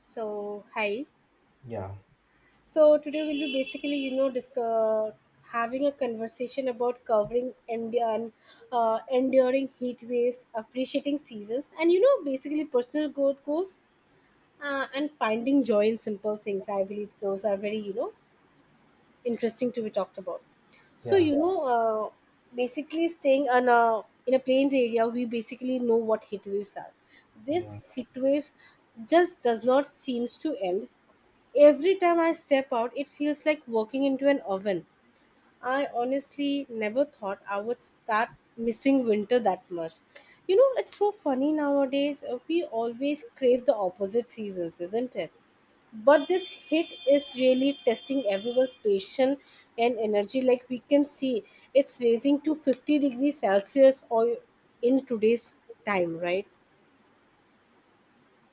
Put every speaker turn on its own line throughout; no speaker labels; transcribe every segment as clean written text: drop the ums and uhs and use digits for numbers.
So hi.
Yeah,
So today we'll be basically, discuss, having a conversation about covering Indian enduring heat waves, appreciating seasons, and you know, basically personal growth goals and finding joy in simple things. I believe those are very, you know, interesting to be talked about. So
yeah,
basically staying on a in a plains area, we basically know what heat waves are.
yeah,
This heat waves just does not seems to end. Every time I step out, it feels like walking into an oven. I honestly never thought I would start missing winter that much. You know, it's so funny nowadays. We always crave the opposite seasons, isn't it? But this hit is really testing everyone's patience and energy. Like we can see, it's raising to 50 degrees Celsius or in today's time, right?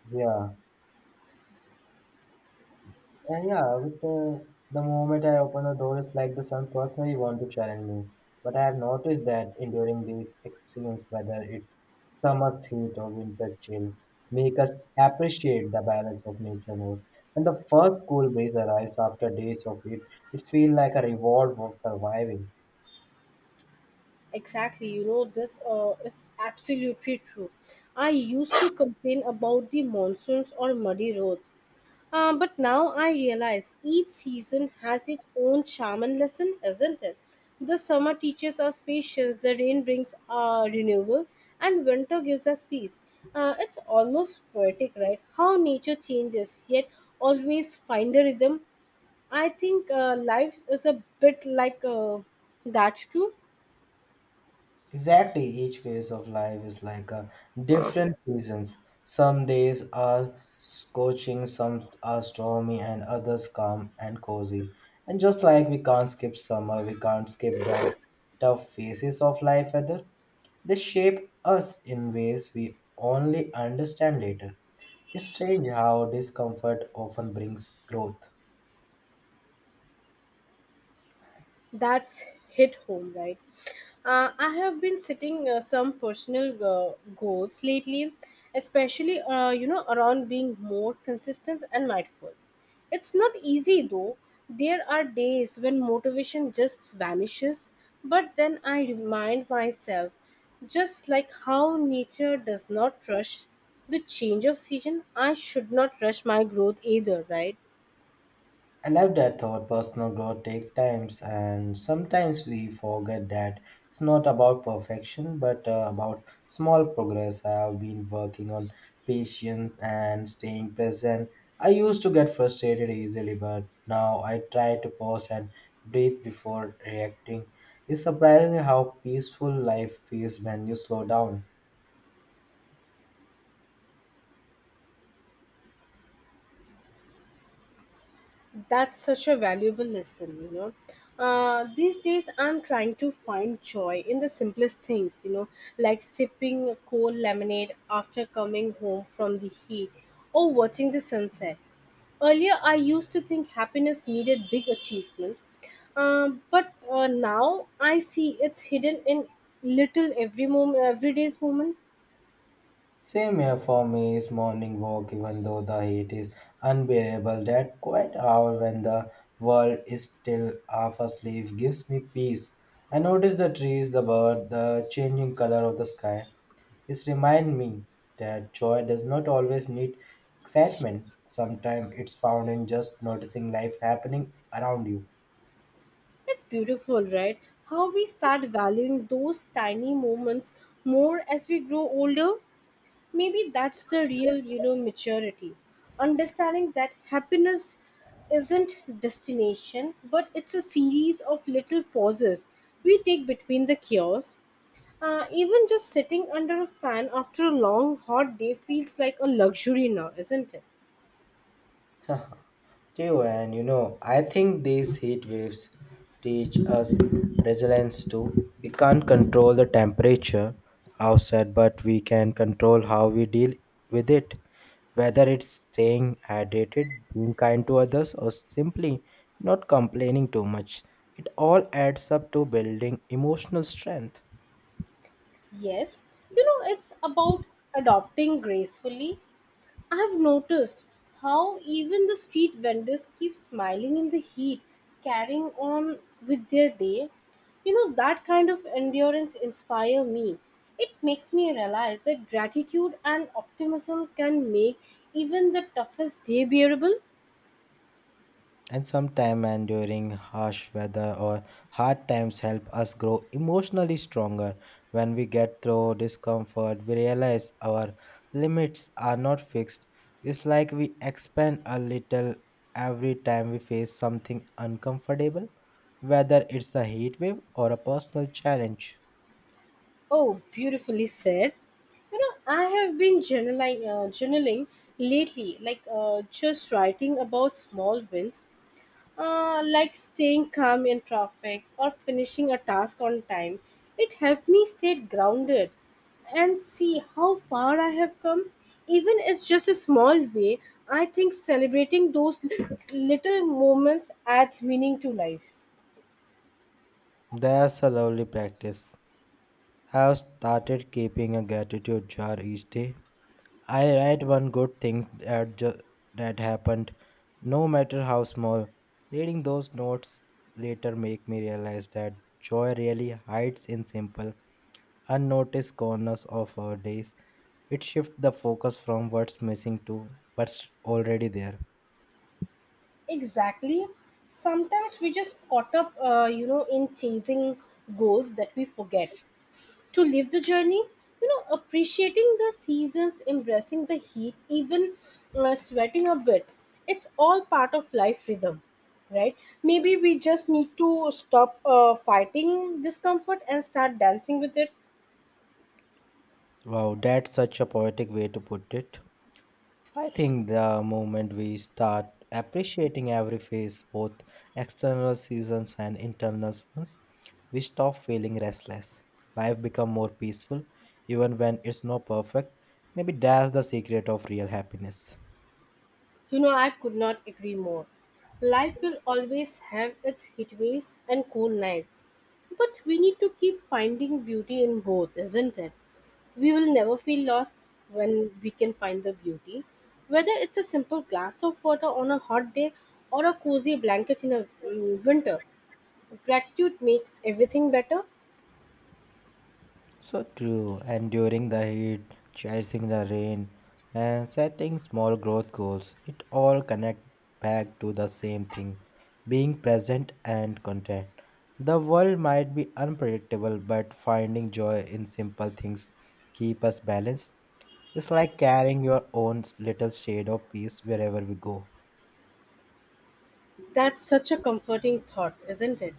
yeah. And yeah, with the moment I open the door, it's like the sun personally want to challenge me. But I have noticed that enduring these extremes, whether it's summer's heat or winter chill, make us appreciate the balance of nature more. When the first cool breeze arrives after days of heat, it feels like a reward for surviving.
Exactly, you know, this is absolutely true. I used to complain about the monsoons or muddy roads, but now I realize each season has its own charm and lesson, isn't it? The summer teaches us patience, the rain brings renewal, and winter gives us peace. It's almost poetic, right? How nature changes, yet always find a rhythm. I think life is a bit like that too.
Exactly, each phase of life is like a different seasons. Some days are scorching, some are stormy, and others calm and cozy. And just like we can't skip summer, we can't skip the tough phases of life either. They shape us in ways we only understand later. It's strange how discomfort often brings growth.
That's hit home, right? I have been setting some personal goals lately, especially you know around being more consistent and mindful. It's not easy though. There are days when motivation just vanishes, but then I remind myself, just like how nature does not rush the change of season, I should not rush my growth either, right?
I love that thought. Personal growth takes times, and sometimes we forget that it's not about perfection, but about small progress. I have been working on patience and staying present. I used to get frustrated easily, but now I try to pause and breathe before reacting. It's surprising how peaceful life feels when you slow down.
That's such a valuable lesson, you know. These days, I'm trying to find joy in the simplest things, you know, like sipping a cold lemonade after coming home from the heat or watching the sunset. Earlier, I used to think happiness needed big achievement, but now I see it's hidden in little every moment, everyday's moment.
Same here for me is morning walk, even though the heat is unbearable. That quiet hour when the world is still half asleep gives me peace. I notice the trees, the bird, the changing color of the sky. It reminds me that joy does not always need excitement. Sometimes it's found in just noticing life happening around you.
It's beautiful, right? How we start valuing those tiny moments more as we grow older. Maybe that's the real, you know, maturity. Understanding that happiness isn't destination, but it's a series of little pauses we take between the cures. Even just sitting under a fan after a long hot day feels like a luxury now, isn't it?
Too, and you know, I think these heat waves teach us resilience too. We can't control the temperature outside, but we can control how we deal with it. Whether it's staying hydrated, being kind to others, or simply not complaining too much, it all adds up to building emotional strength.
Yes, you know, it's about adopting gracefully. I've noticed how even the street vendors keep smiling in the heat, carrying on with their day. You know, that kind of endurance inspire me. It makes me realize that gratitude and optimism can make even the toughest day bearable.
And sometimes enduring harsh weather or hard times help us grow emotionally stronger. When we get through discomfort, we realize our limits are not fixed. It's like we expand a little every time we face something uncomfortable, whether it's a heat wave or a personal challenge.
Oh, beautifully said. You know, I have been journaling lately, like just writing about small wins. Like staying calm in traffic or finishing a task on time. It helped me stay grounded and see how far I have come. Even it's just a small way, I think celebrating those little moments adds meaning to life.
That's a lovely practice. I have started keeping a gratitude jar. Each day I write one good thing that happened, no matter how small. Reading those notes later make me realize that joy really hides in simple, unnoticed corners of our days. It shifts the focus from what's missing to what's already there.
Exactly. Sometimes we just caught up, in chasing goals that we forget to live the journey. You know, appreciating the seasons, embracing the heat, even sweating a bit, it's all part of life rhythm, right? Maybe we just need to stop fighting discomfort and start dancing with it.
Wow, that's such a poetic way to put it. I think the moment we start appreciating every phase, both external seasons and internal ones, we stop feeling restless. Life become more peaceful even when it's not perfect. Maybe that's the secret of real happiness.
You know, I could not agree more. Life will always have its heat waves and cool nights, but we need to keep finding beauty in both, isn't it? We will never feel lost when we can find the beauty, whether it's a simple glass of water on a hot day or a cozy blanket in a winter. Gratitude makes everything better.
So true. And during the heat, chasing the rain, and setting small growth goals, it all connect back to the same thing, being present and content. The world might be unpredictable, but finding joy in simple things keep us balanced. It's like carrying your own little shade of peace wherever we go.
That's such a comforting thought, isn't it?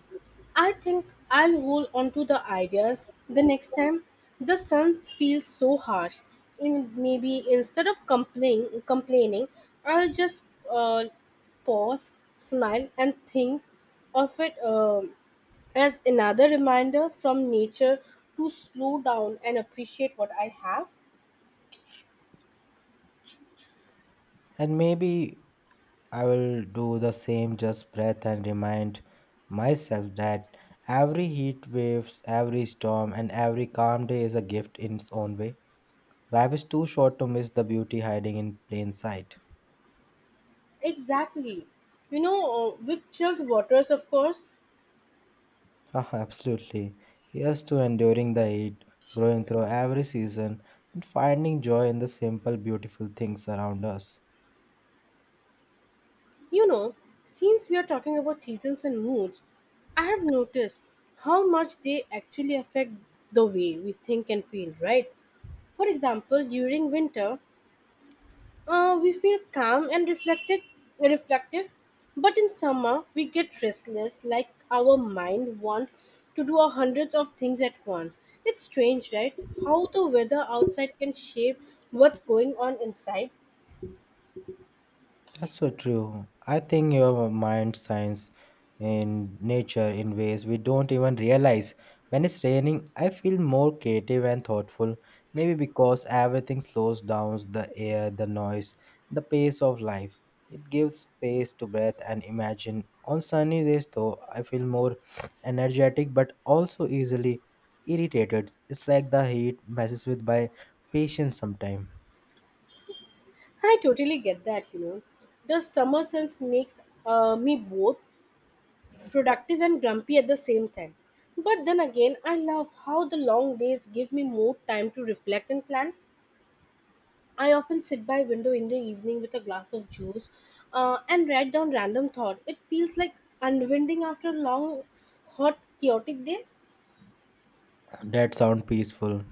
I think I'll hold on to the ideas the next time the sun feels so harsh. In maybe instead of complaining, I'll just uh, pause, smile, and think of it as another reminder from nature to slow down and appreciate what I have.
And maybe I will do the same, just breath and remind myself that every heat waves, every storm, and every calm day is a gift in its own way. Life is too short to miss the beauty hiding in plain sight.
Exactly. You know, with chilled waters, of course.
Ah, absolutely. Yes to enduring the heat, growing through every season, and finding joy in the simple, beautiful things around us.
You know, since we are talking about seasons and moods, I have noticed how much they actually affect the way we think and feel, right? For example, during winter, we feel reflective, but in summer, we get restless, like our mind wants to do a hundreds of things at once. It's strange, right? How the weather outside can shape what's going on inside.
That's so true. I think your mind shines in nature in ways we don't even realize. When it's raining, I feel more creative and thoughtful, maybe because everything slows down, the air, the noise, the pace of life. It gives space to breathe and imagine. On sunny days, though, I feel more energetic but also easily irritated. It's like the heat messes with my patience sometimes.
I totally get that, you know. The summer sense makes me both productive and grumpy at the same time. But then again, I love how the long days give me more time to reflect and plan. I often sit by window in the evening with a glass of juice and write down random thought. It feels like unwinding after a long, hot, chaotic day.
That sound peaceful.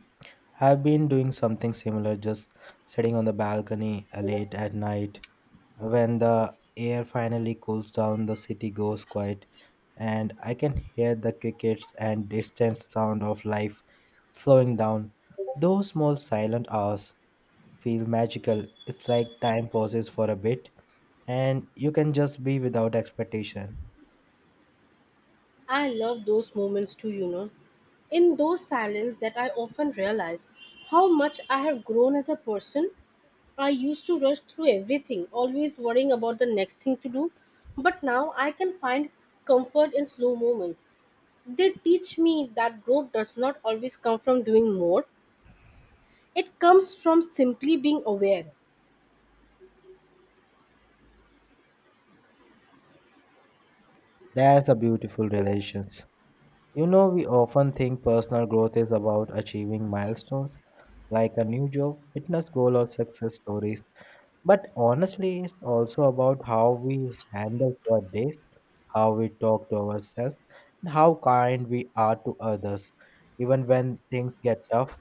I've been doing something similar, just sitting on the balcony late at night when the air finally cools down, the city goes quiet, and I can hear the crickets and distant sound of life slowing down. Those small silent hours feel magical. It's like time pauses for a bit, and you can just be without expectation.
I love those moments too, you know. In those silence that I often realize how much I have grown as a person. I used to rush through everything, always worrying about the next thing to do. But now I can find comfort in slow moments. They teach me that growth does not always come from doing more, it comes from simply being aware.
That's a beautiful relations. You know, we often think personal growth is about achieving milestones like a new job, fitness goal, or success stories. But honestly, it's also about how we handle our days, how we talk to ourselves, and how kind we are to others. Even when things get tough,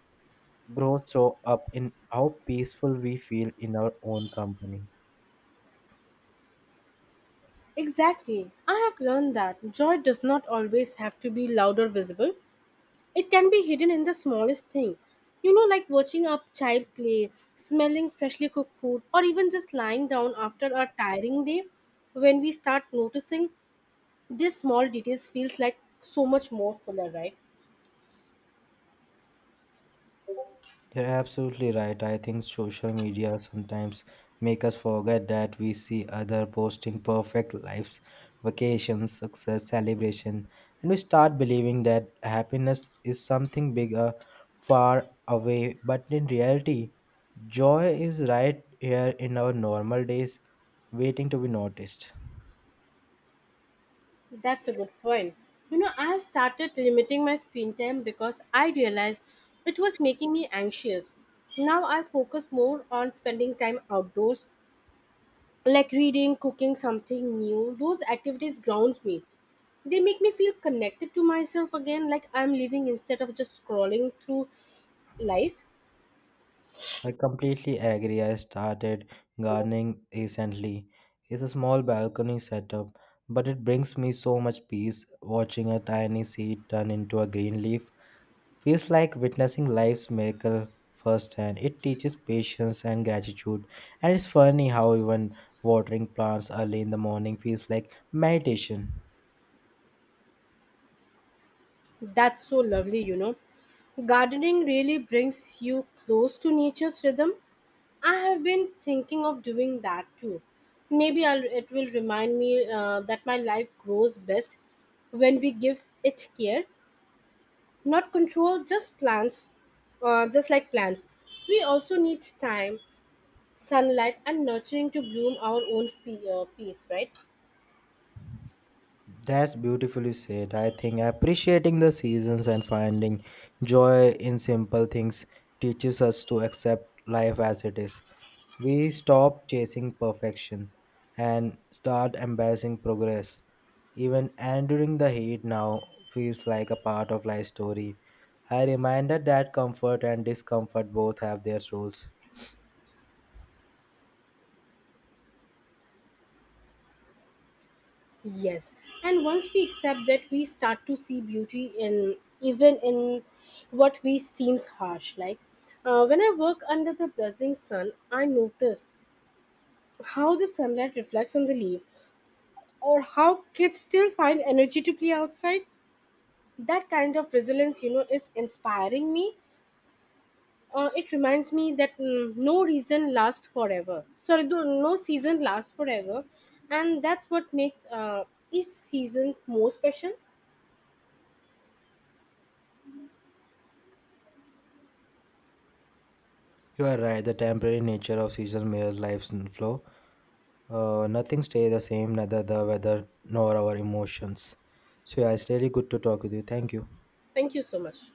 growth show up in how peaceful we feel in our own company.
Exactly. I have learned that joy does not always have to be loud or visible, it can be hidden in the smallest thing. You know, like watching a child play, smelling freshly cooked food, or even just lying down after a tiring day. When we start noticing these small details feels like so much more fuller, right?
You're absolutely right. I think social media sometimes make us forget that. We see other posting perfect lives, vacations, success, celebration, and we start believing that happiness is something bigger, far away. But in reality, joy is right here in our normal days, waiting to be noticed.
That's a good point. You know, I have started limiting my screen time because I realized it was making me anxious. Now I focus more on spending time outdoors, like reading, cooking something new. Those activities grounds me. They make me feel connected to myself again, like I'm living instead of just scrolling through life.
I completely agree. I started gardening recently. It's a small balcony setup, but it brings me so much peace watching a tiny seed turn into a green leaf. Feels like witnessing life's miracle firsthand. It teaches patience and gratitude. And it's funny how even watering plants early in the morning feels like meditation.
That's so lovely, you know. Gardening really brings you close to nature's rhythm. I have been thinking of doing that too. Maybe I'll, it will remind me that my life grows best when we give it care, not control, just plants, just like plants. We also need time, sunlight, and nurturing to bloom our own peace, right?
That's beautifully said. I think appreciating the seasons and finding joy in simple things teaches us to accept life as it is. We stop chasing perfection and start embracing progress. Even enduring the heat now feels like a part of life story. I reminded that comfort and discomfort both have their roles.
Yes. And once we accept that, we start to see beauty in even in what we seems harsh, like. When I work under the blazing sun, I notice how the sunlight reflects on the leaf or how kids still find energy to play outside. That kind of resilience, you know, is inspiring me. It reminds me that mm, no reason lasts forever sorry no season lasts forever, and that's what makes each season more special.
You are right, the temporary nature of season mirrors life's flow. Nothing stays the same, neither the weather nor our emotions. So yeah, it's really good to talk with you. Thank you.
Thank you so much.